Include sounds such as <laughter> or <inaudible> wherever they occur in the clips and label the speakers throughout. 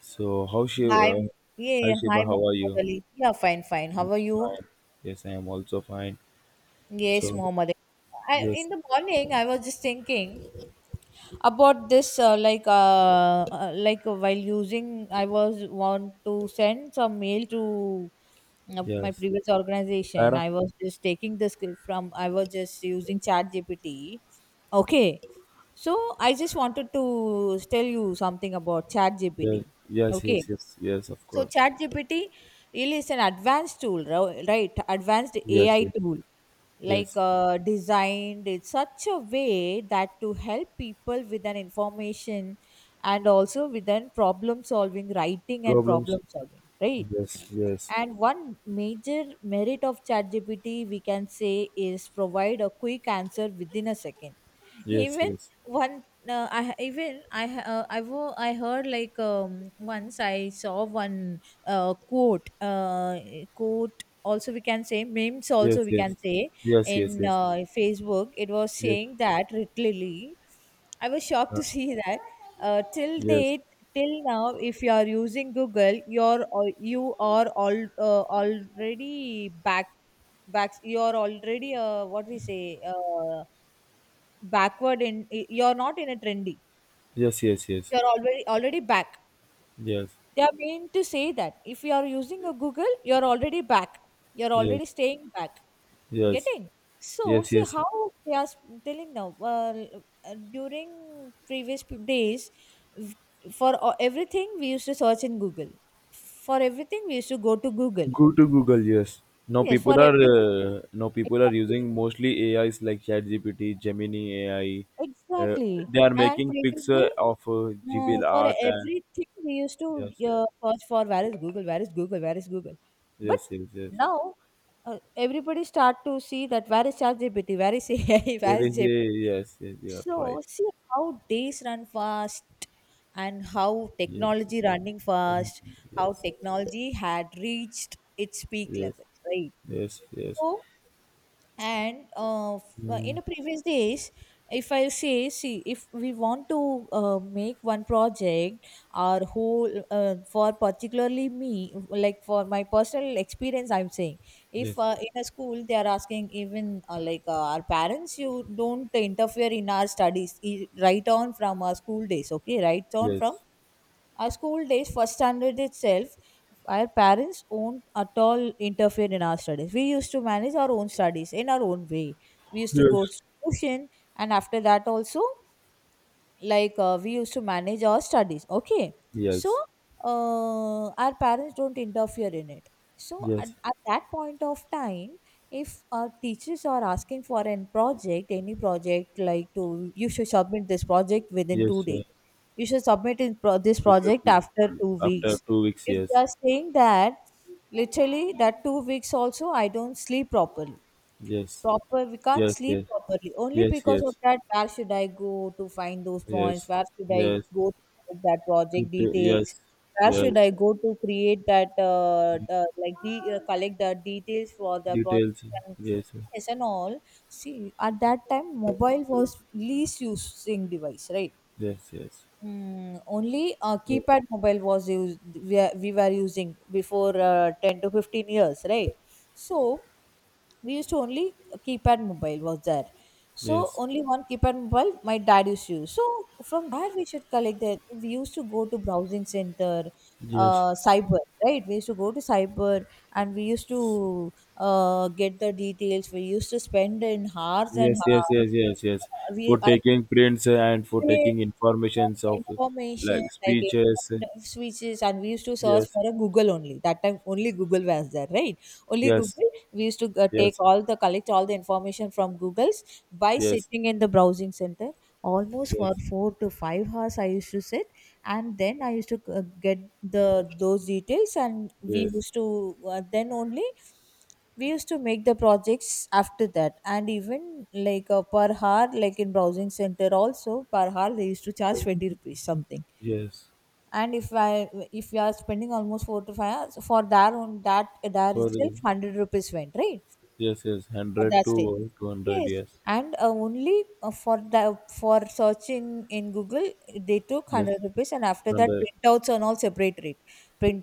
Speaker 1: So, how Shiva?
Speaker 2: Hi, yeah,
Speaker 1: Hi
Speaker 2: yeah, hi,
Speaker 1: Shiva, how are
Speaker 2: Muhammad
Speaker 1: you?
Speaker 2: Ali. Yeah, fine, fine. How are
Speaker 1: It's
Speaker 2: you?
Speaker 1: fine. Yes, I am also fine.
Speaker 2: Yes,
Speaker 1: So,
Speaker 2: Muhammad. Ali. I,
Speaker 1: yes,
Speaker 2: in the morning, I was just thinking about this, while using, I was want to send some mail to my
Speaker 1: yes.
Speaker 2: previous organization.
Speaker 1: Tara?
Speaker 2: I was just taking the script from, I was just using Chat GPT. Okay, so I just wanted to tell you something about Chat
Speaker 1: Yes,
Speaker 2: GPT.
Speaker 1: yes,
Speaker 2: Okay.
Speaker 1: yes, yes, yes, of
Speaker 2: So
Speaker 1: course.
Speaker 2: ChatGPT really is an advanced tool, right? Advanced
Speaker 1: Yes,
Speaker 2: AI
Speaker 1: yes,
Speaker 2: tool,
Speaker 1: yes.
Speaker 2: designed in such a way that to help people with an information and also with an problem solving, writing and
Speaker 1: Problems?
Speaker 2: problem solving, right?
Speaker 1: Yes, yes,
Speaker 2: And one major merit of ChatGPT we can say is provide a quick answer within a second
Speaker 1: yes,
Speaker 2: even
Speaker 1: yes,
Speaker 2: one I even I ha- I wo- I heard like, once I saw one quote quote also we can say, memes
Speaker 1: yes,
Speaker 2: also we
Speaker 1: yes,
Speaker 2: can say,
Speaker 1: yes, yes,
Speaker 2: in
Speaker 1: yes,
Speaker 2: Facebook. It was
Speaker 1: yes,
Speaker 2: saying that, literally, I was shocked
Speaker 1: uh,
Speaker 2: to <laughs> see that till
Speaker 1: yes,
Speaker 2: date, till now, if you are using Google you are all already back. You are already what we say backward in you're not in a trendy,
Speaker 1: yes, yes, yes,
Speaker 2: you're already back.
Speaker 1: yes,
Speaker 2: They are meant to say that if you are using a google you're already back, you're already staying back,
Speaker 1: yes,
Speaker 2: getting. So
Speaker 1: yes,
Speaker 2: see
Speaker 1: yes,
Speaker 2: how
Speaker 1: yes.
Speaker 2: they are s- telling now, during previous days, v- for everything we used to search in google. For everything we used to go to google.
Speaker 1: Go to Google, yes. Now
Speaker 2: Yes, for
Speaker 1: people are
Speaker 2: everything. Exactly.
Speaker 1: using mostly AIs like ChatGPT, Gemini AI. Uh,
Speaker 2: Exactly.
Speaker 1: they are
Speaker 2: And
Speaker 1: making picture
Speaker 2: previously,
Speaker 1: of
Speaker 2: Uh,
Speaker 1: GBL
Speaker 2: for
Speaker 1: art, and
Speaker 2: everything we used to
Speaker 1: yes, yes,
Speaker 2: search for where is Google, where is Google, where is Google. But
Speaker 1: yes, yes, yes.
Speaker 2: now, everybody start to see that where is ChatGPT, where is AI, <laughs> where
Speaker 1: There
Speaker 2: is
Speaker 1: is a
Speaker 2: GPT.
Speaker 1: yes, yes, you are
Speaker 2: So
Speaker 1: right.
Speaker 2: see how days run fast and how
Speaker 1: Yes,
Speaker 2: technology running
Speaker 1: um,
Speaker 2: fast, how
Speaker 1: yes,
Speaker 2: technology had reached its peak
Speaker 1: yes,
Speaker 2: level, right?
Speaker 1: yes, yes,
Speaker 2: So and in
Speaker 1: mm,
Speaker 2: the previous days, if I say, see, if we want to make one project, or whole, for particularly me, like for my personal experience I'm saying, if
Speaker 1: yes,
Speaker 2: in a school they are asking even our parents, you don't interfere in our studies, right on from our school days. Okay, right on from
Speaker 1: yes,
Speaker 2: our school days, first standard itself, our parents won't at all interfere in our studies. We used to manage our own studies in our own way. We used to go to tuition, and after that also, we used to manage our studies. Okay, so
Speaker 1: yes,
Speaker 2: our parents don't interfere in it. So at,
Speaker 1: yes,
Speaker 2: at that point of time, if our teachers are asking for an project, any project, like to you should submit this project within two
Speaker 1: yes,
Speaker 2: days you should submit this
Speaker 1: yes.
Speaker 2: project after two
Speaker 1: After
Speaker 2: weeks
Speaker 1: 2 weeks,
Speaker 2: if they
Speaker 1: yes,
Speaker 2: are saying that, literally that 2 weeks also I don't sleep properly,
Speaker 1: yes,
Speaker 2: proper we can't
Speaker 1: yes,
Speaker 2: sleep
Speaker 1: yes,
Speaker 2: properly only
Speaker 1: yes,
Speaker 2: because of
Speaker 1: yes.
Speaker 2: that, where should I go to find those points,
Speaker 1: Yes,
Speaker 2: where should I
Speaker 1: yes,
Speaker 2: go to collect that project
Speaker 1: detail,
Speaker 2: details,
Speaker 1: yes,
Speaker 2: where
Speaker 1: yes,
Speaker 2: should I go to create that, collect the details for the
Speaker 1: details,
Speaker 2: project and,
Speaker 1: yes,
Speaker 2: yes, and all. See, at that time mobile was least using device, right?
Speaker 1: yes, yes,
Speaker 2: Mm, only a keypad mobile was used. We were using before 10 to 15 years, right? So we used to only, keypad mobile was there. So
Speaker 1: yes, yes,
Speaker 2: only one keypad mobile my dad used to use. So from there we should collect that. We used to go to browsing center,
Speaker 1: yes,
Speaker 2: cyber, right? We used to go to cyber and we used to get the details. We used to spend in hours and
Speaker 1: yes, yes,
Speaker 2: hours.
Speaker 1: yes, yes, yes.
Speaker 2: We
Speaker 1: For
Speaker 2: I
Speaker 1: taking prints and for
Speaker 2: search
Speaker 1: taking
Speaker 2: for
Speaker 1: informations of,
Speaker 2: information,
Speaker 1: like,
Speaker 2: like any
Speaker 1: speeches,
Speaker 2: kind of switches, and we used to search
Speaker 1: yes,
Speaker 2: for a Google only. That time only Google was there, right? Only
Speaker 1: yes,
Speaker 2: Google. We used to
Speaker 1: yes,
Speaker 2: take
Speaker 1: yes,
Speaker 2: all the collect all the information from Google's, by sitting in the browsing center almost for
Speaker 1: yes,
Speaker 2: 4 to 5 hours. I used to sit, and then I used to get the those details, and we
Speaker 1: yes,
Speaker 2: used to then only we used to make the projects after that. And even per hour, like in browsing center also, per hour they used to charge 20 rupees something.
Speaker 1: yes,
Speaker 2: And if we are spending almost 4 to 5 hours for that, on that there
Speaker 1: for the-
Speaker 2: itself 100 rupees went, right?
Speaker 1: yes, yes,
Speaker 2: At
Speaker 1: hundred
Speaker 2: that stage,
Speaker 1: to two hundred,
Speaker 2: yes.
Speaker 1: yes,
Speaker 2: And only for the, for searching in google, they took
Speaker 1: yes,
Speaker 2: 100 rupees. And after that
Speaker 1: hundred,
Speaker 2: printouts and all separate rate,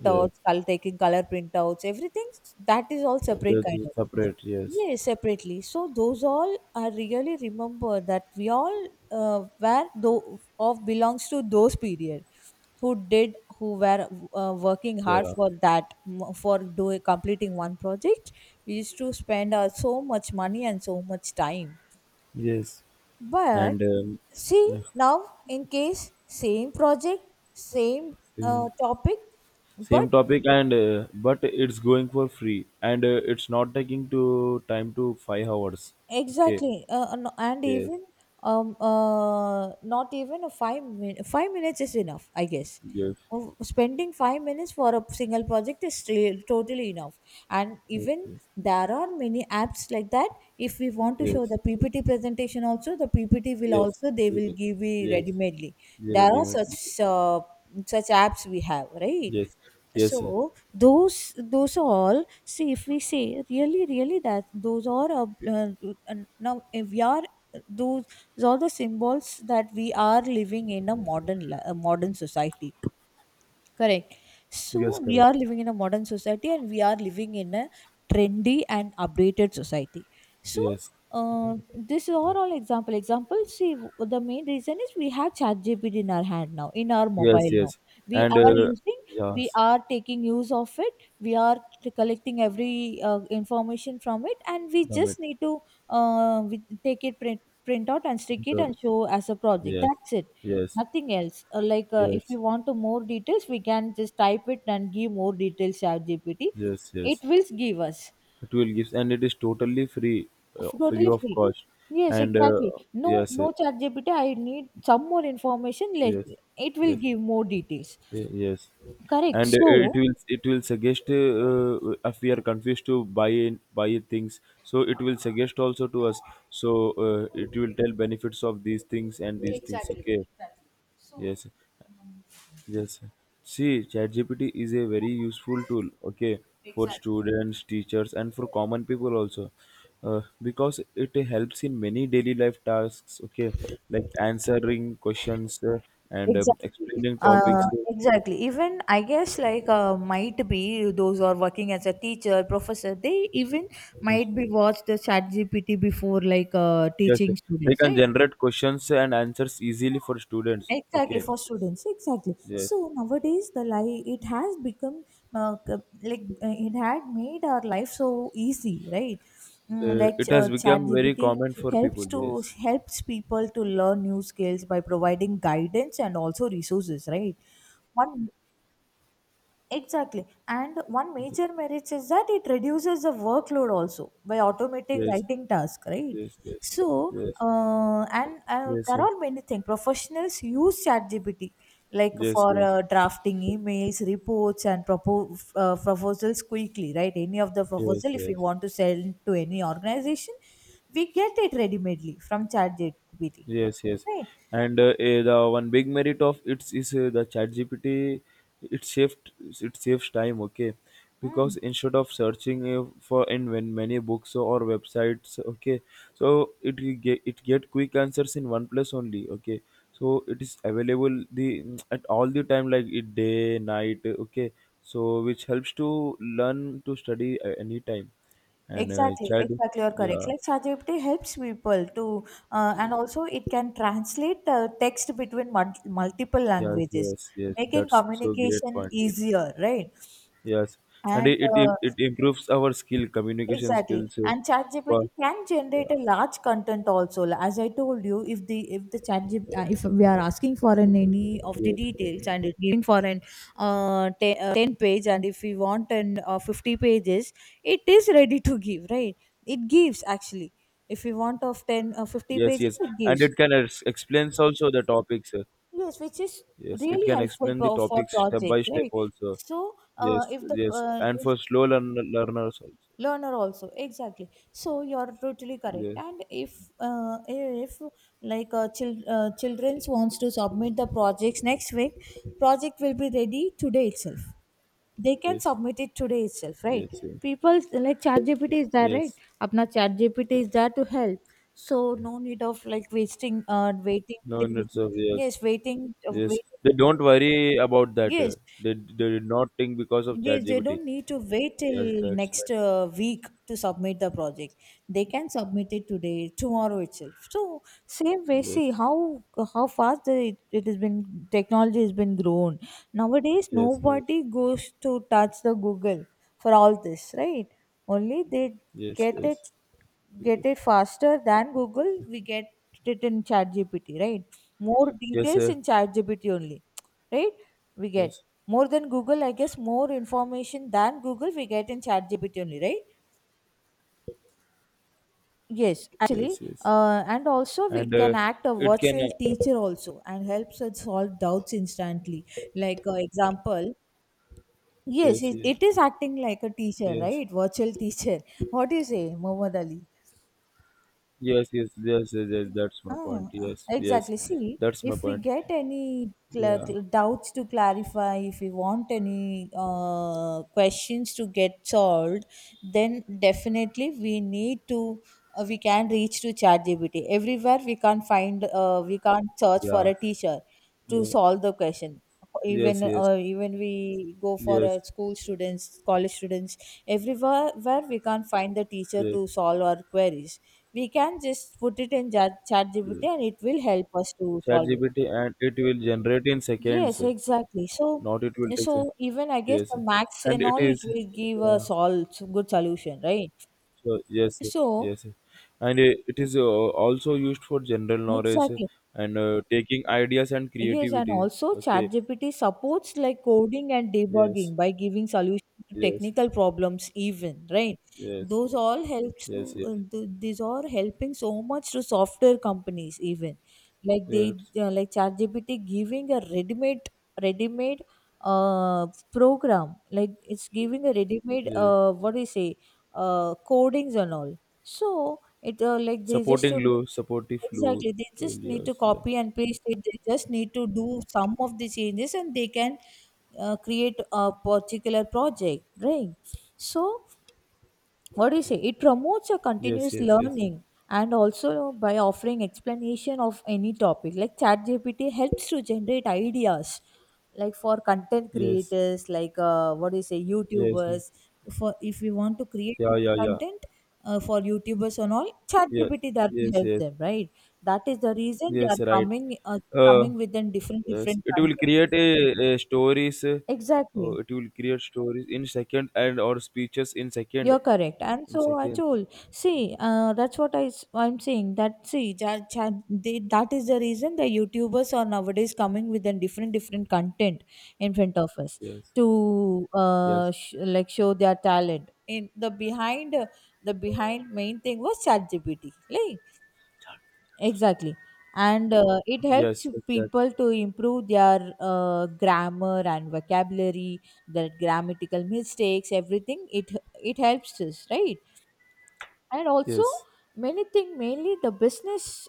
Speaker 1: yes.
Speaker 2: col- taking color printouts, everything that is all separate
Speaker 1: That
Speaker 2: kind
Speaker 1: is
Speaker 2: of.
Speaker 1: separate, yes,
Speaker 2: Yes, separately. So those all are really remember that we all were though of belongs to those period who did, who were working hard
Speaker 1: yeah,
Speaker 2: for that m- for doing completing one project. We used to spend so much money and so much time.
Speaker 1: yes,
Speaker 2: But
Speaker 1: and
Speaker 2: see now, in case, same project, same
Speaker 1: yeah.
Speaker 2: topic, but.
Speaker 1: Same topic, and but it's going for free, and it's not taking to time to 5 hours. Okay.
Speaker 2: Exactly, and and
Speaker 1: Yes.
Speaker 2: even not even a 5 minutes is enough, I guess.
Speaker 1: Yes.
Speaker 2: Oh, spending 5 minutes for a single project is still totally enough, and even
Speaker 1: Okay.
Speaker 2: there are many apps like that. If we want to show
Speaker 1: Yes.
Speaker 2: the PPT presentation, also the PPT will
Speaker 1: Yes.
Speaker 2: also they
Speaker 1: Ye-
Speaker 2: will
Speaker 1: Yes.
Speaker 2: give you
Speaker 1: Yes.
Speaker 2: ready-madely. There are
Speaker 1: Definitely.
Speaker 2: such such apps we have, right?
Speaker 1: Yes. Yes,
Speaker 2: So
Speaker 1: sir.
Speaker 2: those all see, if we say really really that those are and now if we are those are the symbols that we are living in a a modern society. Correct.
Speaker 1: Yes.
Speaker 2: So we
Speaker 1: Correct.
Speaker 2: are living in a modern society and we are living in a trendy and updated society. So
Speaker 1: Yes.
Speaker 2: this is overall example. Example, see, the main reason is we have ChatGPT in our hand now, in our mobile
Speaker 1: Yes.
Speaker 2: now.
Speaker 1: Yes.
Speaker 2: We
Speaker 1: And
Speaker 2: are
Speaker 1: uh,
Speaker 2: using, we
Speaker 1: yes.
Speaker 2: are taking use of it, we are collecting every information from it, and we
Speaker 1: Commit.
Speaker 2: just need to we take it print, print out and stick it
Speaker 1: Inter-
Speaker 2: and show as a project.
Speaker 1: Yes.
Speaker 2: That's it.
Speaker 1: Yes.
Speaker 2: Nothing else. If
Speaker 1: Yes.
Speaker 2: you want to more details, we can just type it and give more details Chat GPT.
Speaker 1: Yes.
Speaker 2: It
Speaker 1: Yes.
Speaker 2: will give us,
Speaker 1: It will give, and it is totally free, free
Speaker 2: totally
Speaker 1: of
Speaker 2: free.
Speaker 1: cost.
Speaker 2: Yes,
Speaker 1: And
Speaker 2: exactly. No,
Speaker 1: yes.
Speaker 2: no Chat GPT, I need some more information. Let
Speaker 1: Yes.
Speaker 2: it will
Speaker 1: Yes.
Speaker 2: give more details.
Speaker 1: Y- Yes,
Speaker 2: Correct.
Speaker 1: and it
Speaker 2: So
Speaker 1: will suggest if we are confused to buy in, buy things, so it will suggest also to us. So it will tell benefits of these things and these things.
Speaker 2: exactly,
Speaker 1: Okay.
Speaker 2: exactly. So,
Speaker 1: Yes. Yes. See, ChatGPT is a very useful tool. Okay, for
Speaker 2: exactly.
Speaker 1: students, teachers, and for common people also. Because it helps in many daily life tasks, okay, like answering questions and
Speaker 2: Exactly.
Speaker 1: explaining topics.
Speaker 2: Even I guess might be those who are working as a teacher, professor, they even
Speaker 1: Yes.
Speaker 2: might be watched the chat GPT before,
Speaker 1: Yes,
Speaker 2: teaching
Speaker 1: yes. They
Speaker 2: students.
Speaker 1: can
Speaker 2: Like,
Speaker 1: generate questions and answers easily for students.
Speaker 2: exactly,
Speaker 1: Okay,
Speaker 2: for students, exactly.
Speaker 1: yes,
Speaker 2: So nowadays the life it has become it had made our life so easy, right? Mm,
Speaker 1: it has
Speaker 2: chat
Speaker 1: become very
Speaker 2: gpt
Speaker 1: common for people. Yes,
Speaker 2: helps people to learn new skills by providing guidance and also resources, right? One. Exactly. And one major merit is that it reduces the workload also by automating
Speaker 1: yes,
Speaker 2: writing tasks, right?
Speaker 1: yes, yes, yes,
Speaker 2: So,
Speaker 1: yes,
Speaker 2: and
Speaker 1: yes,
Speaker 2: there are many things. Professionals use ChatGPT like
Speaker 1: yes,
Speaker 2: for
Speaker 1: yes,
Speaker 2: drafting emails, reports, and proposals quickly, right? Any of the
Speaker 1: yes,
Speaker 2: proposal, if we
Speaker 1: yes.
Speaker 2: want to send to any organization, we get it ready-madely from ChatGPT,
Speaker 1: Yes, yes,
Speaker 2: right?
Speaker 1: and the one big merit of it is the ChatGPT. It saves it saves time. Okay,
Speaker 2: Hmm.
Speaker 1: because instead of searching for in when many books or websites, okay, so it will get quick answers in one place only. Okay, so it is available the at all the time, like it day night. Okay, so which helps to learn to study anytime and
Speaker 2: Exactly,
Speaker 1: chat.
Speaker 2: exactly, you're correct.
Speaker 1: Yeah.
Speaker 2: Like ChatGPT helps people to, and
Speaker 1: Yes.
Speaker 2: also it can translate text between multiple
Speaker 1: Yes,
Speaker 2: languages,
Speaker 1: yes, yes.
Speaker 2: making
Speaker 1: That's so great
Speaker 2: communication
Speaker 1: point. Yes,
Speaker 2: easier, right?
Speaker 1: yes, and
Speaker 2: And
Speaker 1: it it, it improves our skill, communication
Speaker 2: Exactly.
Speaker 1: skills.
Speaker 2: And ChatGPT
Speaker 1: But
Speaker 2: can generate a
Speaker 1: yeah,
Speaker 2: large content also. As I told you, if the, if the ChatGPT, if we are asking for an any of the
Speaker 1: yes,
Speaker 2: details, and it giving for an 10 page, and if we want an 50 pages, it is ready to give, right? It gives actually. If we want of 10, 50
Speaker 1: yes,
Speaker 2: pages,
Speaker 1: yes,
Speaker 2: it
Speaker 1: and
Speaker 2: gives.
Speaker 1: it can ex- explains also the topics.
Speaker 2: Yes, which is
Speaker 1: Yes, it
Speaker 2: really
Speaker 1: can
Speaker 2: helpful
Speaker 1: explain the
Speaker 2: for
Speaker 1: topics step by
Speaker 2: projects,
Speaker 1: step
Speaker 2: right?
Speaker 1: also.
Speaker 2: So
Speaker 1: Yes,
Speaker 2: if the
Speaker 1: yes,
Speaker 2: uh,
Speaker 1: and for slow learn- learners also.
Speaker 2: learner also, exactly, so you're totally correct.
Speaker 1: Yes,
Speaker 2: And if uh, if children's wants to submit the projects next week, project will be ready today itself, they can
Speaker 1: yes,
Speaker 2: submit it today itself, right?
Speaker 1: yes, yes,
Speaker 2: People, like ChatGPT is there, right?
Speaker 1: yes.
Speaker 2: Apna ChatGPT is there to help. So no need of like wasting, waiting
Speaker 1: No
Speaker 2: till,
Speaker 1: minutes of yes,
Speaker 2: yes,
Speaker 1: yes.
Speaker 2: waiting,
Speaker 1: They don't worry about that.
Speaker 2: yes.
Speaker 1: They did not think because of
Speaker 2: They
Speaker 1: ChatGPT.
Speaker 2: don't need to wait
Speaker 1: Yes,
Speaker 2: till
Speaker 1: that's
Speaker 2: next
Speaker 1: right.
Speaker 2: week to submit the project. They can submit it today, tomorrow itself. So same way,
Speaker 1: Yes,
Speaker 2: see how fast the, it has been. Technology has been grown. Nowadays,
Speaker 1: yes, yes,
Speaker 2: nobody goes to touch the Google for all this, right? Only they
Speaker 1: yes,
Speaker 2: get
Speaker 1: yes,
Speaker 2: it, get
Speaker 1: yes,
Speaker 2: it faster than Google. We get it in ChatGPT, right? More
Speaker 1: yes,
Speaker 2: details
Speaker 1: sir,
Speaker 2: in ChatGPT only, right? We get
Speaker 1: yes,
Speaker 2: more than Google, I guess, more information than Google we get in ChatGPT only, right? Yes, actually,
Speaker 1: yes, yes,
Speaker 2: and also
Speaker 1: and
Speaker 2: it can
Speaker 1: uh,
Speaker 2: act a
Speaker 1: it can,
Speaker 2: virtual teacher also and helps us solve doubts instantly. Like, example, yes,
Speaker 1: yes,
Speaker 2: it,
Speaker 1: yes,
Speaker 2: it is acting like a teacher,
Speaker 1: yes,
Speaker 2: right? Virtual teacher. What do you say, Mohammad Ali?
Speaker 1: yes, yes, yes, yes, yes, that's my
Speaker 2: Oh,
Speaker 1: point. Yes, yes,
Speaker 2: exactly. See,
Speaker 1: that's my
Speaker 2: if we
Speaker 1: point.
Speaker 2: get any
Speaker 1: Yeah,
Speaker 2: doubts to clarify, if we want any questions to get solved, then definitely we need to we can reach to ChatGPT. Everywhere we can't find we can't search for
Speaker 1: yeah,
Speaker 2: a teacher to
Speaker 1: yeah,
Speaker 2: solve the question. Even
Speaker 1: yes, yes,
Speaker 2: even we go for
Speaker 1: yes,
Speaker 2: a school students, college students, everywhere where we can't find the teacher
Speaker 1: yes,
Speaker 2: to solve our queries, we can just put it in chat gpt
Speaker 1: yes.
Speaker 2: and it will help us to solve it.
Speaker 1: GPT and it will generate in
Speaker 2: Yes,
Speaker 1: seconds,
Speaker 2: exactly. so
Speaker 1: not it will take.
Speaker 2: so
Speaker 1: Se-
Speaker 2: even I guess
Speaker 1: Yes,
Speaker 2: the max
Speaker 1: and
Speaker 2: and
Speaker 1: it
Speaker 2: all it
Speaker 1: is,
Speaker 2: will give
Speaker 1: yeah,
Speaker 2: us all good solution, right?
Speaker 1: so yes,
Speaker 2: So
Speaker 1: yes, and it is also used for general knowledge uh,
Speaker 2: exactly.
Speaker 1: and uh, taking ideas and
Speaker 2: Yes, and
Speaker 1: creativity.
Speaker 2: also
Speaker 1: Okay.
Speaker 2: ChatGPT supports like coding and
Speaker 1: Yes.
Speaker 2: debugging by giving solutions to
Speaker 1: Yes.
Speaker 2: technical problems even, right?
Speaker 1: Yes.
Speaker 2: Those all helps to
Speaker 1: Yes. Yes.
Speaker 2: these are helping so much to software companies even. Like they
Speaker 1: Yes.
Speaker 2: like ChatGPT giving a ready-made program. Like it's giving a ready-made,
Speaker 1: Yes.
Speaker 2: what do you say, codings and all. So it like they just
Speaker 1: Supporting
Speaker 2: to,
Speaker 1: low, supportive low.
Speaker 2: exactly. They just need to
Speaker 1: Yes. Yes.
Speaker 2: copy and paste it. They just need to do some of the changes and they can create a particular project, right? So, what do you say, it promotes a
Speaker 1: Yes.
Speaker 2: continuous
Speaker 1: Yes.
Speaker 2: learning and also by offering explanation of any topic. Like ChatGPT helps to generate ideas like for content
Speaker 1: Yes.
Speaker 2: creators, like, what do you say,
Speaker 1: Yes.
Speaker 2: YouTubers, for if we want to create
Speaker 1: Yeah.
Speaker 2: any
Speaker 1: Yeah. Yeah.
Speaker 2: content for YouTubers and all,
Speaker 1: Yes.
Speaker 2: ChatGPT that to
Speaker 1: Yes.
Speaker 2: help
Speaker 1: Yes.
Speaker 2: them, right? That is the reason they
Speaker 1: Yes.
Speaker 2: are
Speaker 1: Right.
Speaker 2: coming,
Speaker 1: Uh.
Speaker 2: coming within different
Speaker 1: Yes,
Speaker 2: different
Speaker 1: it will
Speaker 2: content,
Speaker 1: create a stories. Oh,
Speaker 2: exactly.
Speaker 1: it will create stories in second and or speeches in second,
Speaker 2: You're correct. And
Speaker 1: in
Speaker 2: so I
Speaker 1: seconds.
Speaker 2: told, see, that's what I'm saying. That, see, ja, ja, they, that is the reason the YouTubers are nowadays coming with a different, different content in front of us
Speaker 1: Yes,
Speaker 2: to
Speaker 1: yes,
Speaker 2: like show their talent. In the behind main thing was ChatGPT. Like, exactly. And it helps
Speaker 1: yes, exactly.
Speaker 2: people to improve their grammar and vocabulary, their grammatical mistakes, everything. It helps us, right? And also,
Speaker 1: Yes,
Speaker 2: many think mainly the business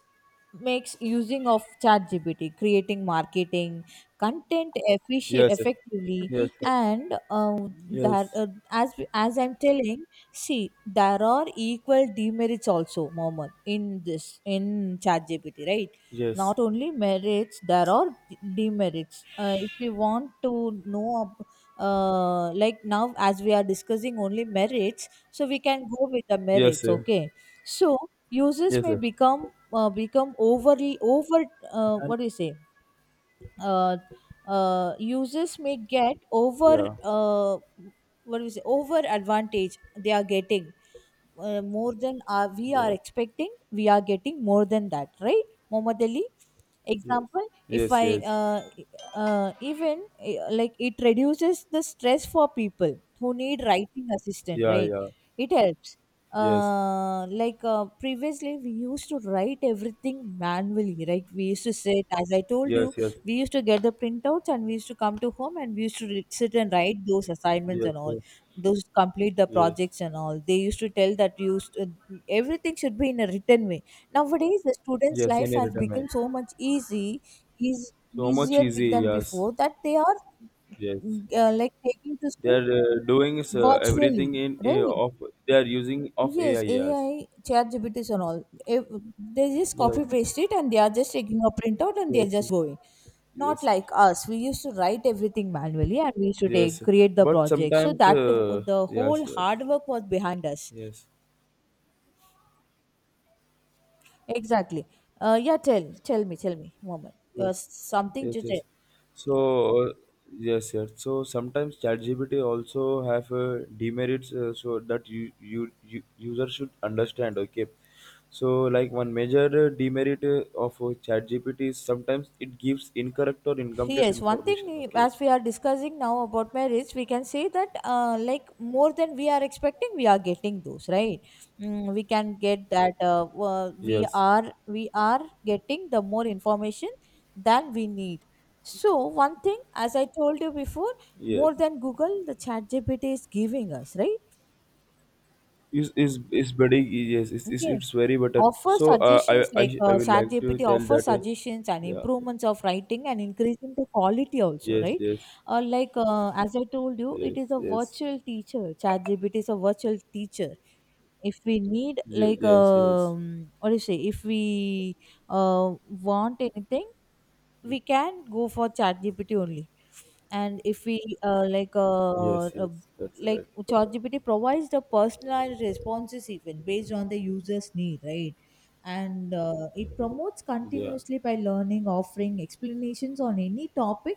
Speaker 2: makes using of ChatGPT, creating marketing content
Speaker 1: yes, sir,
Speaker 2: effectively,
Speaker 1: yes, sir,
Speaker 2: and that
Speaker 1: yes,
Speaker 2: as I'm telling, see there are equal demerits also, Mohammed, in this in ChatGPT, right?
Speaker 1: yes,
Speaker 2: Not only merits, there are demerits. If we want to know, like now as we are discussing only merits, so we can go with the
Speaker 1: yes,
Speaker 2: merits,
Speaker 1: sir,
Speaker 2: okay? So users
Speaker 1: yes,
Speaker 2: may
Speaker 1: sir.
Speaker 2: become become overly over
Speaker 1: And
Speaker 2: what do you say, uh, users may get over,
Speaker 1: yeah,
Speaker 2: uh, what do you say, over advantage they are getting more than we are
Speaker 1: yes,
Speaker 2: expecting, we are getting more than that, right, Muhammad Ali?
Speaker 1: yes,
Speaker 2: Example if
Speaker 1: yes,
Speaker 2: I
Speaker 1: yes,
Speaker 2: uh, even like it reduces the stress for people who need writing assistant,
Speaker 1: yeah,
Speaker 2: right?
Speaker 1: yeah,
Speaker 2: It helps,
Speaker 1: yes,
Speaker 2: like, previously we used to write everything manually, right? We used to sit, as I told
Speaker 1: yes,
Speaker 2: you,
Speaker 1: yes,
Speaker 2: we used to get the printouts and we used to come to home and we used to sit and write those assignments
Speaker 1: yes,
Speaker 2: and all,
Speaker 1: yes,
Speaker 2: those complete the
Speaker 1: yes,
Speaker 2: projects and all. They used to tell that everything should be in a written way. Nowadays the students
Speaker 1: yes,
Speaker 2: life
Speaker 1: in a
Speaker 2: has
Speaker 1: written mail.
Speaker 2: become so much easy, is
Speaker 1: So much
Speaker 2: easier
Speaker 1: easy,
Speaker 2: than
Speaker 1: yes,
Speaker 2: before, that they are
Speaker 1: yes.
Speaker 2: like taking to
Speaker 1: They
Speaker 2: school
Speaker 1: are doing everything
Speaker 2: virtually,
Speaker 1: in
Speaker 2: right?
Speaker 1: of they are using of AI.
Speaker 2: Yes,
Speaker 1: Yes,
Speaker 2: AI, ChatGPTs and all. If they just copy paste it and they are just taking a printout and they
Speaker 1: yes,
Speaker 2: are just
Speaker 1: yes,
Speaker 2: going. Not
Speaker 1: yes,
Speaker 2: like us. We used to write everything manually and we used to take
Speaker 1: yes.
Speaker 2: create the
Speaker 1: But
Speaker 2: project. So
Speaker 1: sometimes,
Speaker 2: that the whole
Speaker 1: yes, yes,
Speaker 2: hard work was behind us.
Speaker 1: yes,
Speaker 2: Exactly. Yeah. Tell me. Tell me. Moment.
Speaker 1: yes,
Speaker 2: Something
Speaker 1: yes,
Speaker 2: to tell.
Speaker 1: yes. So yes, yes. So sometimes ChatGPT also have demerits, so that you, you user should understand. Okay. So, like one major demerit of ChatGPT is sometimes it gives incorrect or incomplete
Speaker 2: Yes, one thing
Speaker 1: information. Okay.
Speaker 2: as we are discussing now about marriage, we can say that like more than we are expecting, we are getting those, right. Mm, we can get that we
Speaker 1: Yes.
Speaker 2: are we are getting the more information than we need. So one thing, as I told you before,
Speaker 1: Yes,
Speaker 2: more than Google, the Chat GPT is giving us, right.
Speaker 1: it's very yes, it's, it's,
Speaker 2: Okay,
Speaker 1: it's very better.
Speaker 2: offer
Speaker 1: So uh,
Speaker 2: suggestions,
Speaker 1: I,
Speaker 2: like,
Speaker 1: I I would like to
Speaker 2: ChatGPT
Speaker 1: tell
Speaker 2: offers
Speaker 1: that
Speaker 2: suggestions and
Speaker 1: yeah, yeah.
Speaker 2: improvements of writing and increasing the quality also,
Speaker 1: Yes,
Speaker 2: right?
Speaker 1: yes,
Speaker 2: Like, as I told you, it
Speaker 1: yes,
Speaker 2: is a
Speaker 1: yes.
Speaker 2: virtual teacher. ChatGPT is a virtual teacher. If we need
Speaker 1: Ye-
Speaker 2: like,
Speaker 1: Yes, yes,
Speaker 2: what do you say? If we want anything, we can go for ChatGPT only. And if we
Speaker 1: yes, yes, that's
Speaker 2: like,
Speaker 1: right,
Speaker 2: ChatGPT provides the personalized responses even based on the user's need, right? And it promotes
Speaker 1: yeah,
Speaker 2: continuously by learning, offering explanations on any topic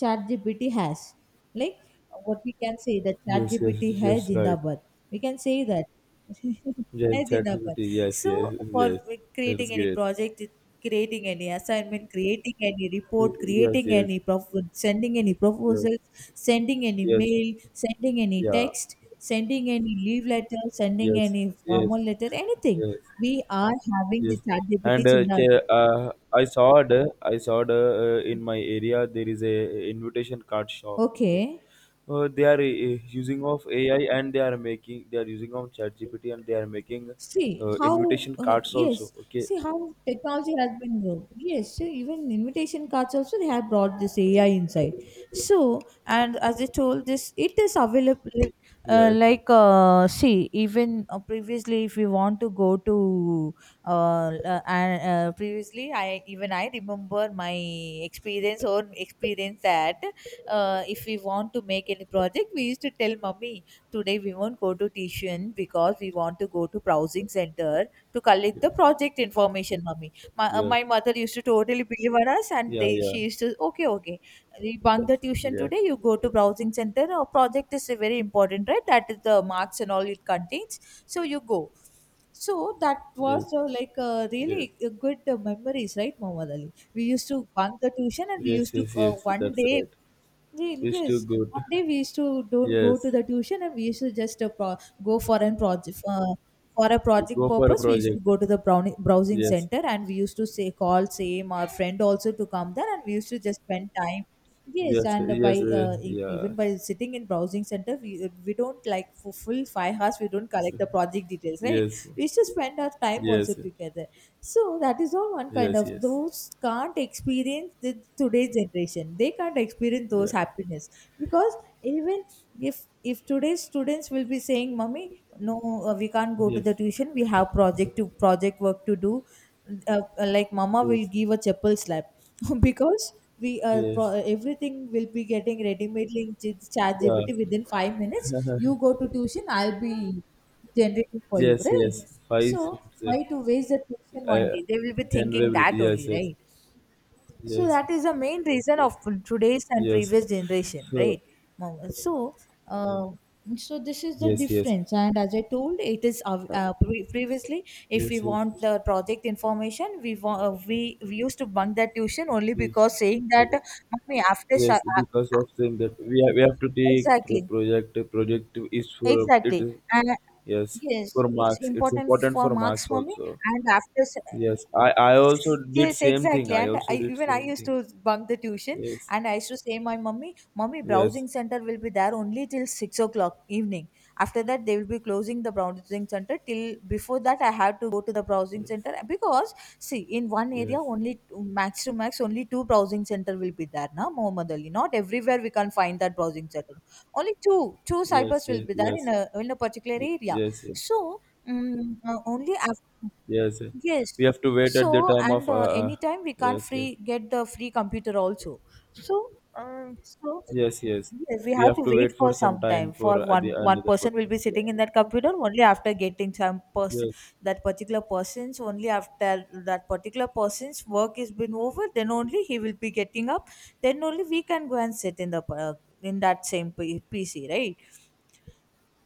Speaker 2: ChatGPT has. Like, what we can say that
Speaker 1: yes, yes,
Speaker 2: ChatGPT has
Speaker 1: yes, right.
Speaker 2: Jindabad. We can say that. <laughs>
Speaker 1: Yes,
Speaker 2: Hai Jindabad.
Speaker 1: ChatGPT, yes,
Speaker 2: So
Speaker 1: yes,
Speaker 2: for
Speaker 1: yes, that's
Speaker 2: creating any
Speaker 1: great.
Speaker 2: project, creating any assignment, creating any report,
Speaker 1: Y- Yes,
Speaker 2: creating any
Speaker 1: yes,
Speaker 2: propo, sending any
Speaker 1: yes,
Speaker 2: proposals, sending any
Speaker 1: yes,
Speaker 2: mail, sending any
Speaker 1: yeah,
Speaker 2: text, sending any leave letter, sending
Speaker 1: yes,
Speaker 2: any
Speaker 1: yes,
Speaker 2: formal letter, anything.
Speaker 1: yes.
Speaker 2: We are having the
Speaker 1: Yes,
Speaker 2: ChatGPT
Speaker 1: and
Speaker 2: in our
Speaker 1: che-
Speaker 2: group.
Speaker 1: I saw it. I saw it in my area. There is a invitation card shop. Okay,
Speaker 2: Okay.
Speaker 1: they are using of AI and they are making. They are using of ChatGPT and they are making
Speaker 2: See how,
Speaker 1: invitation cards also.
Speaker 2: yes,
Speaker 1: Okay.
Speaker 2: see how technology has been worked. Yes, so even invitation cards also they have brought this AI inside. So, and as I told this, it is available.
Speaker 1: Yes.
Speaker 2: Like, see, even previously, if we want to go to previously, I even I remember my experience or experience that if we want to make any project, we used to tell mummy, today we won't go to tuition because we want to go to browsing center to collect the
Speaker 1: Yes.
Speaker 2: project information, mommy. My,
Speaker 1: Yes.
Speaker 2: my mother used to totally believe on us and
Speaker 1: Yeah.
Speaker 2: they she
Speaker 1: Yeah.
Speaker 2: used to, okay, okay, we bunk the tuition
Speaker 1: Yeah.
Speaker 2: today, you go to browsing center, our project is very important, right? That is the marks and all it contains, so you go. So that was
Speaker 1: Yes. Yes.
Speaker 2: really a good memories, right, Muhammad Ali? We used to bunk the tuition and we
Speaker 1: Yes.
Speaker 2: used to,
Speaker 1: Yes. Yes.
Speaker 2: one
Speaker 1: That's
Speaker 2: day,
Speaker 1: right. It's too
Speaker 2: Yes, one
Speaker 1: good.
Speaker 2: day we used to don't go to
Speaker 1: Yes.
Speaker 2: the tuition and we used to just go for an project, for a project
Speaker 1: Go for a
Speaker 2: purpose. We used to
Speaker 1: project.
Speaker 2: go to the browsing
Speaker 1: Yes.
Speaker 2: center and we used to say call same our friend also to come there and we used to just spend time. Yes,
Speaker 1: Yes.
Speaker 2: and by
Speaker 1: Yes.
Speaker 2: even
Speaker 1: Yes.
Speaker 2: by sitting in browsing center, we don't like for full 5 hours. We don't collect the project details, right?
Speaker 1: Yes.
Speaker 2: We used to spend our time also
Speaker 1: Yes.
Speaker 2: together. So that is all one kind
Speaker 1: Yes,
Speaker 2: of
Speaker 1: yes.
Speaker 2: those can't experience the today's generation. They can't experience those
Speaker 1: Yeah.
Speaker 2: happiness because even if today's students will be saying, "Mummy, no we can't go to the
Speaker 1: Yes.
Speaker 2: tuition, we have project to project work to do, like mama will
Speaker 1: Yes.
Speaker 2: give a chapel slap." <laughs> Because we
Speaker 1: Yes.
Speaker 2: everything will be getting ready made in chat
Speaker 1: Yeah.
Speaker 2: gpt within 5 minutes, you
Speaker 1: <laughs>
Speaker 2: go to tuition, I'll be generating for you,
Speaker 1: Yes, yes.
Speaker 2: right?
Speaker 1: Five
Speaker 2: So why
Speaker 1: percent.
Speaker 2: to waste the tuition one
Speaker 1: I
Speaker 2: day, they will be thinking
Speaker 1: January.
Speaker 2: that only,
Speaker 1: Yes, yes.
Speaker 2: right? So
Speaker 1: Yes.
Speaker 2: that is the main reason
Speaker 1: Yes.
Speaker 2: of today's and
Speaker 1: Yes.
Speaker 2: previous generation,
Speaker 1: So
Speaker 2: right? So uh, so this is the
Speaker 1: yes, yes.
Speaker 2: difference, and as I told, it is,
Speaker 1: Uh,
Speaker 2: previously if we
Speaker 1: Yes, yes.
Speaker 2: want the project information, we used to bunk that tuition only
Speaker 1: Yes.
Speaker 2: because saying that, "Mummy, after
Speaker 1: Yes. Because of saying that
Speaker 2: uh,
Speaker 1: we have to take the
Speaker 2: exactly,
Speaker 1: project. The project is for it
Speaker 2: exactly,
Speaker 1: is
Speaker 2: and
Speaker 1: yes.
Speaker 2: yes,
Speaker 1: For
Speaker 2: it's
Speaker 1: marks. It's
Speaker 2: important
Speaker 1: important
Speaker 2: for
Speaker 1: for
Speaker 2: marks,
Speaker 1: marks
Speaker 2: mommy."
Speaker 1: also.
Speaker 2: And after
Speaker 1: Yes. I also did
Speaker 2: yes,
Speaker 1: same thing.
Speaker 2: exactly.
Speaker 1: I
Speaker 2: And
Speaker 1: also
Speaker 2: I,
Speaker 1: did
Speaker 2: even I
Speaker 1: same
Speaker 2: used
Speaker 1: thing.
Speaker 2: to bunk the tuition,
Speaker 1: Yes.
Speaker 2: and I used to say my mummy, mummy,
Speaker 1: Yes.
Speaker 2: browsing center will be there only till 6 o'clock evening. After that, they will be closing the browsing center. Till before that, I have to go to the browsing
Speaker 1: Yes.
Speaker 2: center because see, in one area
Speaker 1: Yes,
Speaker 2: only max to max only two browsing center will be there, na, Mohammed Ali. Not everywhere we can find that browsing center. Only two, two
Speaker 1: yes,
Speaker 2: cybers will
Speaker 1: yes,
Speaker 2: be there
Speaker 1: yes,
Speaker 2: in a particular
Speaker 1: y-
Speaker 2: area.
Speaker 1: yes, yes,
Speaker 2: So. Only after,
Speaker 1: yes, yes.
Speaker 2: yes.
Speaker 1: We have to wait at the
Speaker 2: So,
Speaker 1: time of
Speaker 2: and anytime we can't
Speaker 1: yes, yes,
Speaker 2: free get the free computer also. So, so
Speaker 1: yes, yes.
Speaker 2: yes, we
Speaker 1: We
Speaker 2: have to
Speaker 1: have to
Speaker 2: wait
Speaker 1: wait
Speaker 2: for
Speaker 1: for
Speaker 2: some
Speaker 1: some
Speaker 2: time.
Speaker 1: time
Speaker 2: For
Speaker 1: for
Speaker 2: one
Speaker 1: the
Speaker 2: one
Speaker 1: another
Speaker 2: person will
Speaker 1: person.
Speaker 2: be sitting
Speaker 1: Yeah,
Speaker 2: in that computer only after getting some person,
Speaker 1: yes,
Speaker 2: that particular person's, only after that particular person's work has been over, then only he will be getting up. Then only we can go and sit in the in that same PC, right?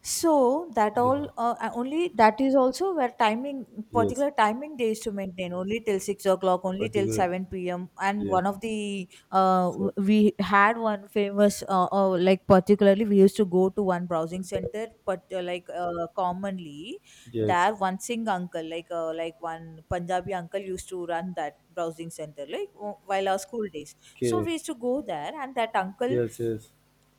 Speaker 2: So that all
Speaker 1: yeah,
Speaker 2: only that is also where timing,
Speaker 1: yes.
Speaker 2: particular timing days to maintain only till 6 o'clock, only till
Speaker 1: Particular,
Speaker 2: 7 p.m. And
Speaker 1: yes,
Speaker 2: one of the
Speaker 1: so,
Speaker 2: we had one famous like particularly we used to go to one browsing center, but like commonly
Speaker 1: yes.
Speaker 2: there one Singh uncle like one Punjabi uncle used to run that browsing center like while our school days. So we
Speaker 1: Okay,
Speaker 2: used to go there, and that
Speaker 1: yes, yes,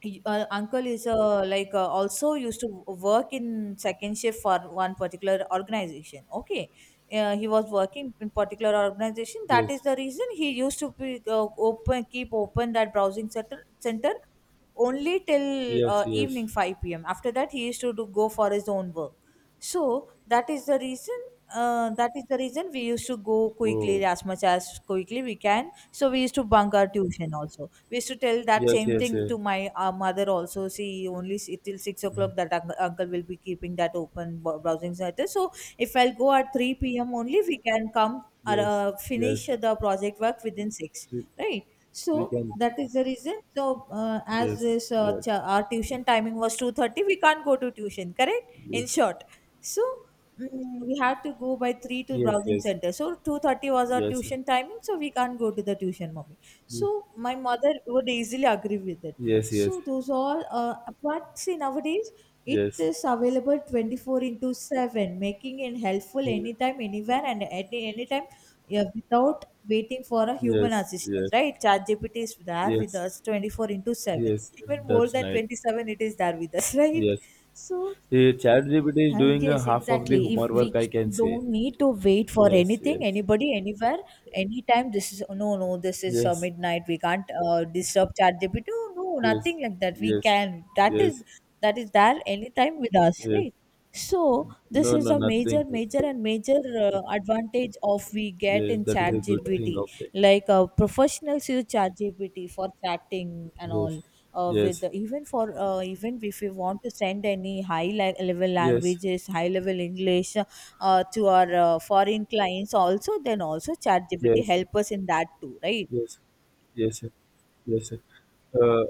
Speaker 2: Uncle is like also used to work in second shift for one particular organization. Okay, he was working in particular organization. That is
Speaker 1: yes,
Speaker 2: the reason he used to be, open keep open that browsing center only till
Speaker 1: yes,
Speaker 2: evening
Speaker 1: yes.
Speaker 2: 5 p.m. After that he used to go for his own work. So that is the reason, we used to go quickly,
Speaker 1: Oh,
Speaker 2: as much as quickly we can, so we used to bunk our tuition also. We used to tell that
Speaker 1: yes,
Speaker 2: same
Speaker 1: yes,
Speaker 2: thing
Speaker 1: yes,
Speaker 2: to my mother also. See, only till 6 o'clock that uncle will be keeping that open browsing center. So if I'll go at 3 p.m. only we can come or
Speaker 1: yes,
Speaker 2: finish
Speaker 1: yes.
Speaker 2: the project work within 6,
Speaker 1: We,
Speaker 2: right?
Speaker 1: we
Speaker 2: So
Speaker 1: can,
Speaker 2: that is the reason. So as
Speaker 1: yes,
Speaker 2: this
Speaker 1: yes,
Speaker 2: our
Speaker 1: yes,
Speaker 2: tuition timing was 2:30, we can't go to tuition, correct, in
Speaker 1: yes,
Speaker 2: short. So we had to go by 3 to
Speaker 1: yes,
Speaker 2: browsing
Speaker 1: yes,
Speaker 2: center, so 2:30 was our
Speaker 1: yes,
Speaker 2: tuition timing, so we can't go to the tuition, mommy.
Speaker 1: yes.
Speaker 2: So my mother would easily agree with it.
Speaker 1: Yes, yes,
Speaker 2: So those all, but see nowadays it
Speaker 1: yes,
Speaker 2: is available 24 into 7, making it helpful
Speaker 1: yes,
Speaker 2: anytime, anywhere, and at any time, yeah, without waiting for a human
Speaker 1: yes,
Speaker 2: assistance, right? ChatGPT is there with
Speaker 1: yes, yes,
Speaker 2: us 24 into 7.
Speaker 1: yes,
Speaker 2: Even more
Speaker 1: that's
Speaker 2: than
Speaker 1: right.
Speaker 2: 27, it is there with us, <laughs> right?
Speaker 1: Yes.
Speaker 2: So
Speaker 1: Eh, ChatGPT is doing
Speaker 2: yes,
Speaker 1: half of the
Speaker 2: exactly. If
Speaker 1: homework,
Speaker 2: we
Speaker 1: work, I can say.
Speaker 2: don't need to wait for
Speaker 1: Yes,
Speaker 2: anything,
Speaker 1: yes,
Speaker 2: anybody, anywhere, anytime. This is no, no, this is
Speaker 1: yes,
Speaker 2: midnight. We can't disturb ChatGPT. No, no,
Speaker 1: yes,
Speaker 2: nothing like that. We
Speaker 1: yes,
Speaker 2: can. That is
Speaker 1: yes,
Speaker 2: that is there anytime with us,
Speaker 1: yes.
Speaker 2: right? So this
Speaker 1: No,
Speaker 2: is
Speaker 1: no,
Speaker 2: a major,
Speaker 1: nothing.
Speaker 2: major, and major advantage of we get
Speaker 1: Yes,
Speaker 2: in
Speaker 1: that is a good
Speaker 2: ChatGPT.
Speaker 1: thing of that.
Speaker 2: Like professionals use ChatGPT for chatting and
Speaker 1: Yes,
Speaker 2: all, with
Speaker 1: yes,
Speaker 2: even for even if we want to send any level
Speaker 1: yes,
Speaker 2: languages, high level English to our foreign clients, also then also ChatGPT
Speaker 1: yes,
Speaker 2: help us in that too, right?
Speaker 1: yes, yes, sir, yes, sir. Uh,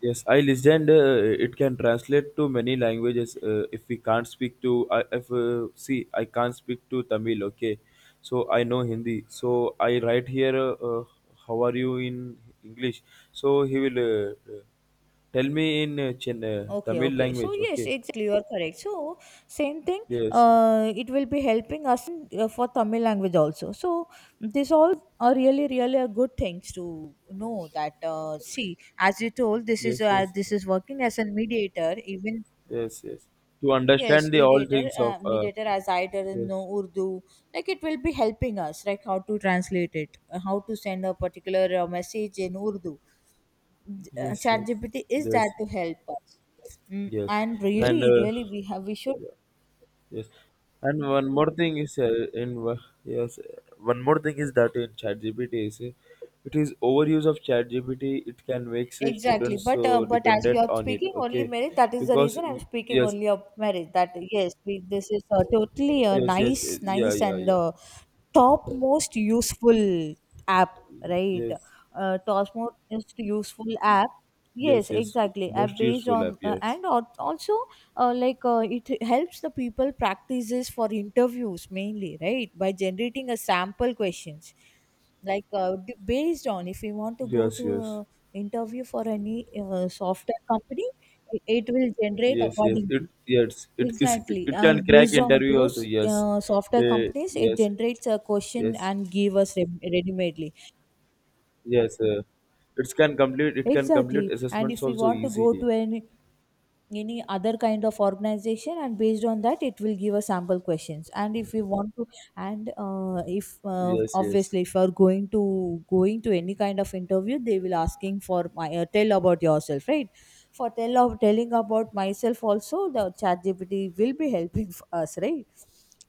Speaker 1: yes, I listened. It can translate to many languages. If we can't speak to, I if see, I can't speak to Tamil. Okay, so I know Hindi. So I write here. How are you in English? So he will tell me in Chin,
Speaker 2: Okay,
Speaker 1: Tamil
Speaker 2: okay, so
Speaker 1: language.
Speaker 2: yes,
Speaker 1: Okay.
Speaker 2: exactly, you are correct. So same thing,
Speaker 1: Yes,
Speaker 2: it will be helping us in, for Tamil language also. So this all are really, really a good things to know that, see, as you told,
Speaker 1: yes, yes,
Speaker 2: this is working as a mediator even.
Speaker 1: yes, yes. To
Speaker 2: Yes,
Speaker 1: understand the all
Speaker 2: mediator,
Speaker 1: things of
Speaker 2: mediator, as I don't
Speaker 1: yes,
Speaker 2: know Urdu, like it will be helping us, like how to translate it, how to send a particular message in Urdu.
Speaker 1: yes, yes,
Speaker 2: ChatGPT is there
Speaker 1: yes.
Speaker 2: to help us,
Speaker 1: Yes,
Speaker 2: and
Speaker 1: and
Speaker 2: really,
Speaker 1: uh,
Speaker 2: really, we should
Speaker 1: yeah, yes, and one more thing is in wo- yes, one more thing is that in ChatGPT is it is overuse of ChatGPT. It can make say,
Speaker 2: exactly.
Speaker 1: students so
Speaker 2: But as we
Speaker 1: dependent
Speaker 2: are
Speaker 1: on it.
Speaker 2: speaking only
Speaker 1: Okay,
Speaker 2: marriage, that is the
Speaker 1: because
Speaker 2: reason I'm speaking
Speaker 1: yes,
Speaker 2: only of marriage. That yes, we, this is totally a
Speaker 1: yes, yes, eh,
Speaker 2: nice,
Speaker 1: yeah,
Speaker 2: nice
Speaker 1: yeah,
Speaker 2: and
Speaker 1: yeah,
Speaker 2: top most useful app, right?
Speaker 1: yes,
Speaker 2: Top most useful app, yes,
Speaker 1: yes, yes. It's
Speaker 2: exactly, app
Speaker 1: most
Speaker 2: based
Speaker 1: useful
Speaker 2: on
Speaker 1: app. Yes,
Speaker 2: and also like it helps the people practices for interviews mainly, right, by generating a sample questions, like based on if you want to go
Speaker 1: yes,
Speaker 2: to
Speaker 1: yes,
Speaker 2: a interview for any software company, it will generate
Speaker 1: yes, yes. It
Speaker 2: accordingly.
Speaker 1: yes, it is.
Speaker 2: Exactly.
Speaker 1: It can crack
Speaker 2: Based on
Speaker 1: interview also.
Speaker 2: those
Speaker 1: Yes,
Speaker 2: software
Speaker 1: uh,
Speaker 2: companies, it
Speaker 1: yes,
Speaker 2: generates a question
Speaker 1: yes.
Speaker 2: and give us ready-madely.
Speaker 1: Yes, it can complete
Speaker 2: Exactly. And
Speaker 1: assessments
Speaker 2: if we
Speaker 1: also
Speaker 2: want to go
Speaker 1: easily.
Speaker 2: to any other kind of organization and based on that, it will give a sample questions, and if we want to, and if
Speaker 1: Yes, yes,
Speaker 2: obviously, if you are going to any kind of interview, they will asking for my tell about yourself, right? For tell of telling about myself also the Chat GPT will be helping for us, right?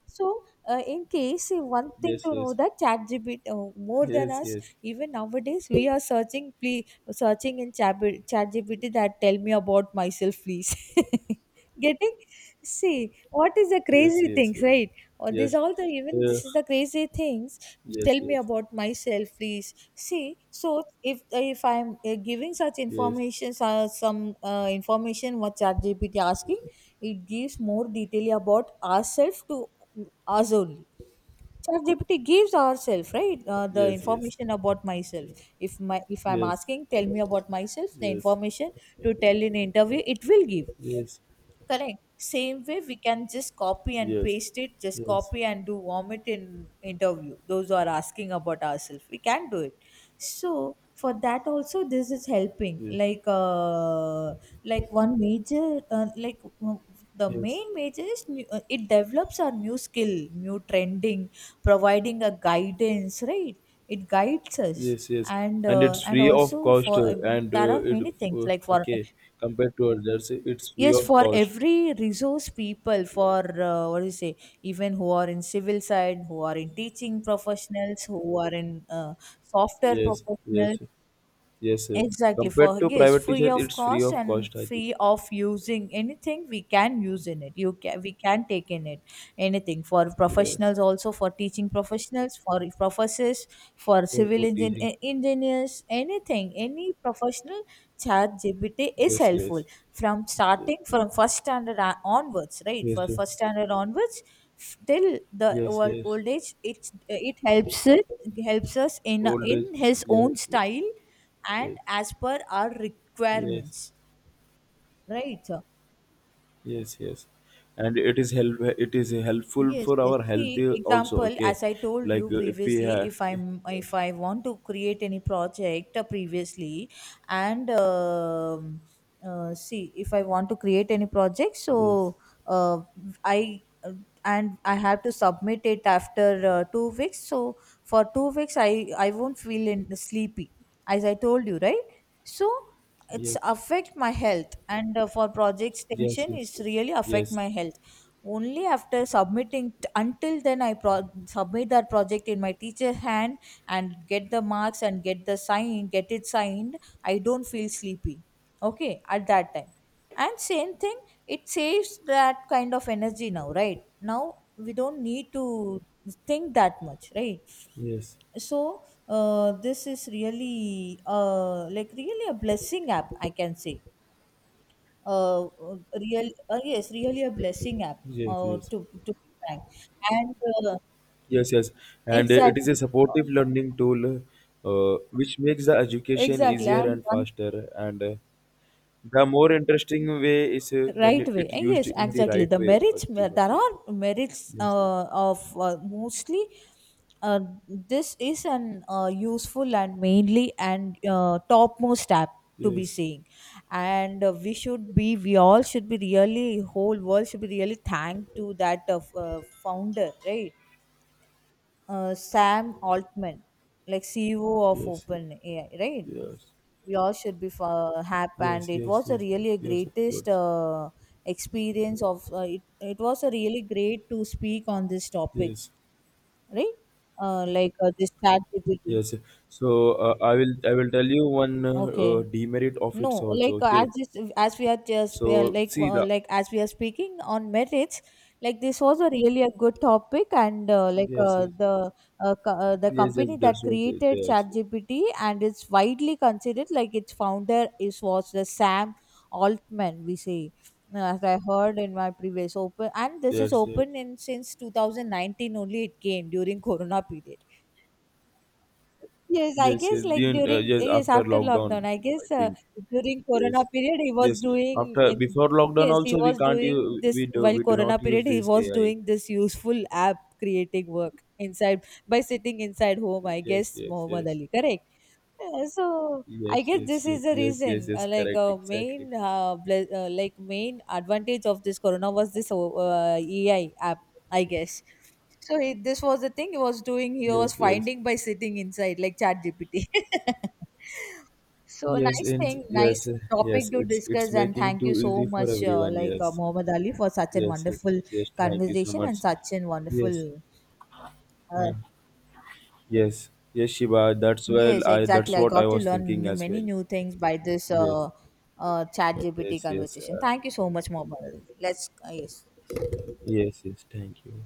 Speaker 2: So in case, one thing
Speaker 1: yes,
Speaker 2: to know
Speaker 1: yes,
Speaker 2: that Chat GPT, more than
Speaker 1: yes,
Speaker 2: us,
Speaker 1: yes,
Speaker 2: even nowadays we are searching, please, searching in ChatGPT that tell me about myself, please. <laughs> Getting, see what is the
Speaker 1: yes,
Speaker 2: crazy
Speaker 1: yes,
Speaker 2: things,
Speaker 1: yes,
Speaker 2: right? Or this
Speaker 1: yes,
Speaker 2: all, the even
Speaker 1: yeah,
Speaker 2: this is the crazy things.
Speaker 1: yes,
Speaker 2: Tell me
Speaker 1: yes,
Speaker 2: about myself, please. See, so if I'm giving such
Speaker 1: yes,
Speaker 2: information, some information what ChatGPT asking, it gives more detail about ourselves to us only. ChatGPT gives ourselves, right, the
Speaker 1: yes, yes, yes, yes, yes, yes, yes,
Speaker 2: information about myself. If I'm asking, tell me about myself, the information to tell in interview, it will give. Correct. Same way, we can just copy and paste it, just copy and do vomit in interview. Those who are asking about ourselves, we can do it. So for that also, this is helping.
Speaker 1: yes,
Speaker 2: Like one major, like the
Speaker 1: yes,
Speaker 2: main major is new, it develops our new skill, new trending, providing a guidance, right? It guides us,
Speaker 1: yes, yes, and it's
Speaker 2: and
Speaker 1: free of
Speaker 2: also
Speaker 1: cost,
Speaker 2: for
Speaker 1: and
Speaker 2: there are
Speaker 1: uh, it
Speaker 2: many things like for,
Speaker 1: okay compared to others, it's free
Speaker 2: yes,
Speaker 1: of
Speaker 2: for
Speaker 1: cost.
Speaker 2: every resource people,
Speaker 1: Yeah.
Speaker 2: for what do you say, even who are in civil side, who are in teaching professionals, who are in software
Speaker 1: Yes,
Speaker 2: professionals.
Speaker 1: yes, yes, sir.
Speaker 2: Exactly, for
Speaker 1: Compared to
Speaker 2: yes,
Speaker 1: private
Speaker 2: free
Speaker 1: teacher,
Speaker 2: of
Speaker 1: it's free
Speaker 2: cost
Speaker 1: of
Speaker 2: and
Speaker 1: cost, I think.
Speaker 2: free of using anything, we can use in it. You can, we can take in it anything, for
Speaker 1: Yes,
Speaker 2: professionals, also for teaching professionals, for professors, for
Speaker 1: for good teaching.
Speaker 2: engineers, anything, any professional, Chat GPT is
Speaker 1: Yes,
Speaker 2: helpful,
Speaker 1: yes,
Speaker 2: from
Speaker 1: yes,
Speaker 2: starting from first standard onwards, right,
Speaker 1: yes,
Speaker 2: for
Speaker 1: sir,
Speaker 2: first standard onwards, till the
Speaker 1: yes,
Speaker 2: old,
Speaker 1: yes.
Speaker 2: old age. It helps, it helps us
Speaker 1: Old age.
Speaker 2: in his
Speaker 1: Yes,
Speaker 2: own style and
Speaker 1: yes,
Speaker 2: as per our
Speaker 1: yes,
Speaker 2: requirements, right?
Speaker 1: yes, yes. And it is help. It is helpful
Speaker 2: Yes,
Speaker 1: for
Speaker 2: yes.
Speaker 1: our health
Speaker 2: See,
Speaker 1: also.
Speaker 2: example,
Speaker 1: Okay,
Speaker 2: as I told you
Speaker 1: like if we
Speaker 2: previously,
Speaker 1: have.
Speaker 2: if
Speaker 1: Yes,
Speaker 2: I want to create any project, previously, and see, if I want to create any project,
Speaker 1: yes,
Speaker 2: so uh, I and I have to submit it after 2 weeks. So for 2 weeks, I won't feel in sleepy, as I told you, right? So it's
Speaker 1: yes,
Speaker 2: affect my health, and for projects
Speaker 1: yes, yes,
Speaker 2: tension,
Speaker 1: yes,
Speaker 2: is
Speaker 1: yes,
Speaker 2: really affect
Speaker 1: yes,
Speaker 2: my health, only after submitting until then, submit that project in my teacher hand, and get the marks and get the sign, get it signed, I don't feel sleepy, okay, at that time. And same thing, it saves that kind of energy. Now right now, we don't need to think that much, right? So this is really like really a blessing app, I can say, uh, real yes, really a blessing app,
Speaker 1: yes, yes,
Speaker 2: to be frank. And uh,
Speaker 1: yes, yes. And it is a
Speaker 2: exactly,
Speaker 1: supportive learning tool, which makes the education
Speaker 2: exactly,
Speaker 1: easier
Speaker 2: and
Speaker 1: and
Speaker 2: one
Speaker 1: faster and. The more interesting way is when
Speaker 2: right
Speaker 1: it
Speaker 2: way.
Speaker 1: it used
Speaker 2: Yes,
Speaker 1: in the
Speaker 2: exactly,
Speaker 1: right
Speaker 2: the
Speaker 1: way.
Speaker 2: merits,
Speaker 1: First thing,
Speaker 2: there
Speaker 1: okay.
Speaker 2: are merits
Speaker 1: Yes, sir,
Speaker 2: of mostly uh, this is an useful and mainly and topmost app to be
Speaker 1: yes,
Speaker 2: seeing. And we should be, we all should be really, whole world should be really thanked to that of founder, right, Sam Altman, like CEO of
Speaker 1: yes, yes,
Speaker 2: OpenAI, right?
Speaker 1: yes,
Speaker 2: We all should be happy, and
Speaker 1: yes,
Speaker 2: it
Speaker 1: yes,
Speaker 2: was a
Speaker 1: yes,
Speaker 2: really a
Speaker 1: yes, of
Speaker 2: greatest
Speaker 1: course.
Speaker 2: experience of it. It was a really great to speak on this topic,
Speaker 1: Yes,
Speaker 2: right? Like this Chat GPT.
Speaker 1: yes. So I will tell you one
Speaker 2: Okay.
Speaker 1: demerit of its
Speaker 2: No, like
Speaker 1: also.
Speaker 2: as
Speaker 1: Okay.
Speaker 2: as we are just
Speaker 1: So see the
Speaker 2: like as we are speaking on merits, like this was a really a good topic, and like
Speaker 1: yes, yes,
Speaker 2: the the
Speaker 1: yes, yes.
Speaker 2: company that
Speaker 1: That's what it
Speaker 2: created
Speaker 1: is. Yes,
Speaker 2: ChatGPT, and it's widely considered like its founder is was the Sam Altman, we say. As I heard in my previous open, and this is
Speaker 1: yes, yes.
Speaker 2: open in since 2019 only. It came during <laughs> Corona period. Yes, I
Speaker 1: Yes,
Speaker 2: guess,
Speaker 1: yes,
Speaker 2: like
Speaker 1: then
Speaker 2: during,
Speaker 1: yes
Speaker 2: yes,
Speaker 1: after
Speaker 2: after lockdown,
Speaker 1: lockdown,
Speaker 2: I
Speaker 1: I
Speaker 2: guess,
Speaker 1: think.
Speaker 2: during Corona
Speaker 1: Yes,
Speaker 2: period he was
Speaker 1: yes.
Speaker 2: doing
Speaker 1: After
Speaker 2: in,
Speaker 1: before lockdown
Speaker 2: yes, he
Speaker 1: also we
Speaker 2: was
Speaker 1: can't
Speaker 2: doing
Speaker 1: use
Speaker 2: this
Speaker 1: we do
Speaker 2: while
Speaker 1: we do
Speaker 2: Corona
Speaker 1: not
Speaker 2: period,
Speaker 1: use
Speaker 2: he
Speaker 1: this
Speaker 2: was
Speaker 1: AI.
Speaker 2: doing this useful app creating work inside, by sitting inside home, I
Speaker 1: Yes,
Speaker 2: guess.
Speaker 1: yes,
Speaker 2: Muhammad
Speaker 1: yes,
Speaker 2: Ali, correct? So I
Speaker 1: yes,
Speaker 2: guess
Speaker 1: yes,
Speaker 2: this
Speaker 1: yes,
Speaker 2: is the
Speaker 1: yes, yes,
Speaker 2: reason,
Speaker 1: yes.
Speaker 2: like
Speaker 1: Correct, exactly.
Speaker 2: like main advantage of this Corona was this AI app, I guess. So he, this was the thing he was doing. He
Speaker 1: Yes,
Speaker 2: was
Speaker 1: yes,
Speaker 2: finding by sitting inside, like Chat GPT. <laughs> So
Speaker 1: yes,
Speaker 2: nice
Speaker 1: and
Speaker 2: thing,
Speaker 1: yes,
Speaker 2: nice
Speaker 1: yes.
Speaker 2: topic to
Speaker 1: It's
Speaker 2: discuss, and
Speaker 1: making
Speaker 2: thank you
Speaker 1: too
Speaker 2: so
Speaker 1: easy for
Speaker 2: much,
Speaker 1: everyone.
Speaker 2: like
Speaker 1: Yes,
Speaker 2: Muhammad Ali, for such a
Speaker 1: yes, yes,
Speaker 2: wonderful
Speaker 1: yes, thank you so
Speaker 2: conversation and
Speaker 1: much.
Speaker 2: such a
Speaker 1: Yes,
Speaker 2: wonderful. Uh,
Speaker 1: and yes, yes, Shiva. That's well.
Speaker 2: yes,
Speaker 1: I
Speaker 2: exactly.
Speaker 1: that's
Speaker 2: I
Speaker 1: what I
Speaker 2: got to
Speaker 1: was
Speaker 2: learn
Speaker 1: thinking
Speaker 2: new,
Speaker 1: as
Speaker 2: many
Speaker 1: well.
Speaker 2: new things by this
Speaker 1: Yes,
Speaker 2: Chat GPT
Speaker 1: yes, yes.
Speaker 2: conversation. Thank you so much, Muhammad Ali. Let's yes.
Speaker 1: Yes, yes, thank you.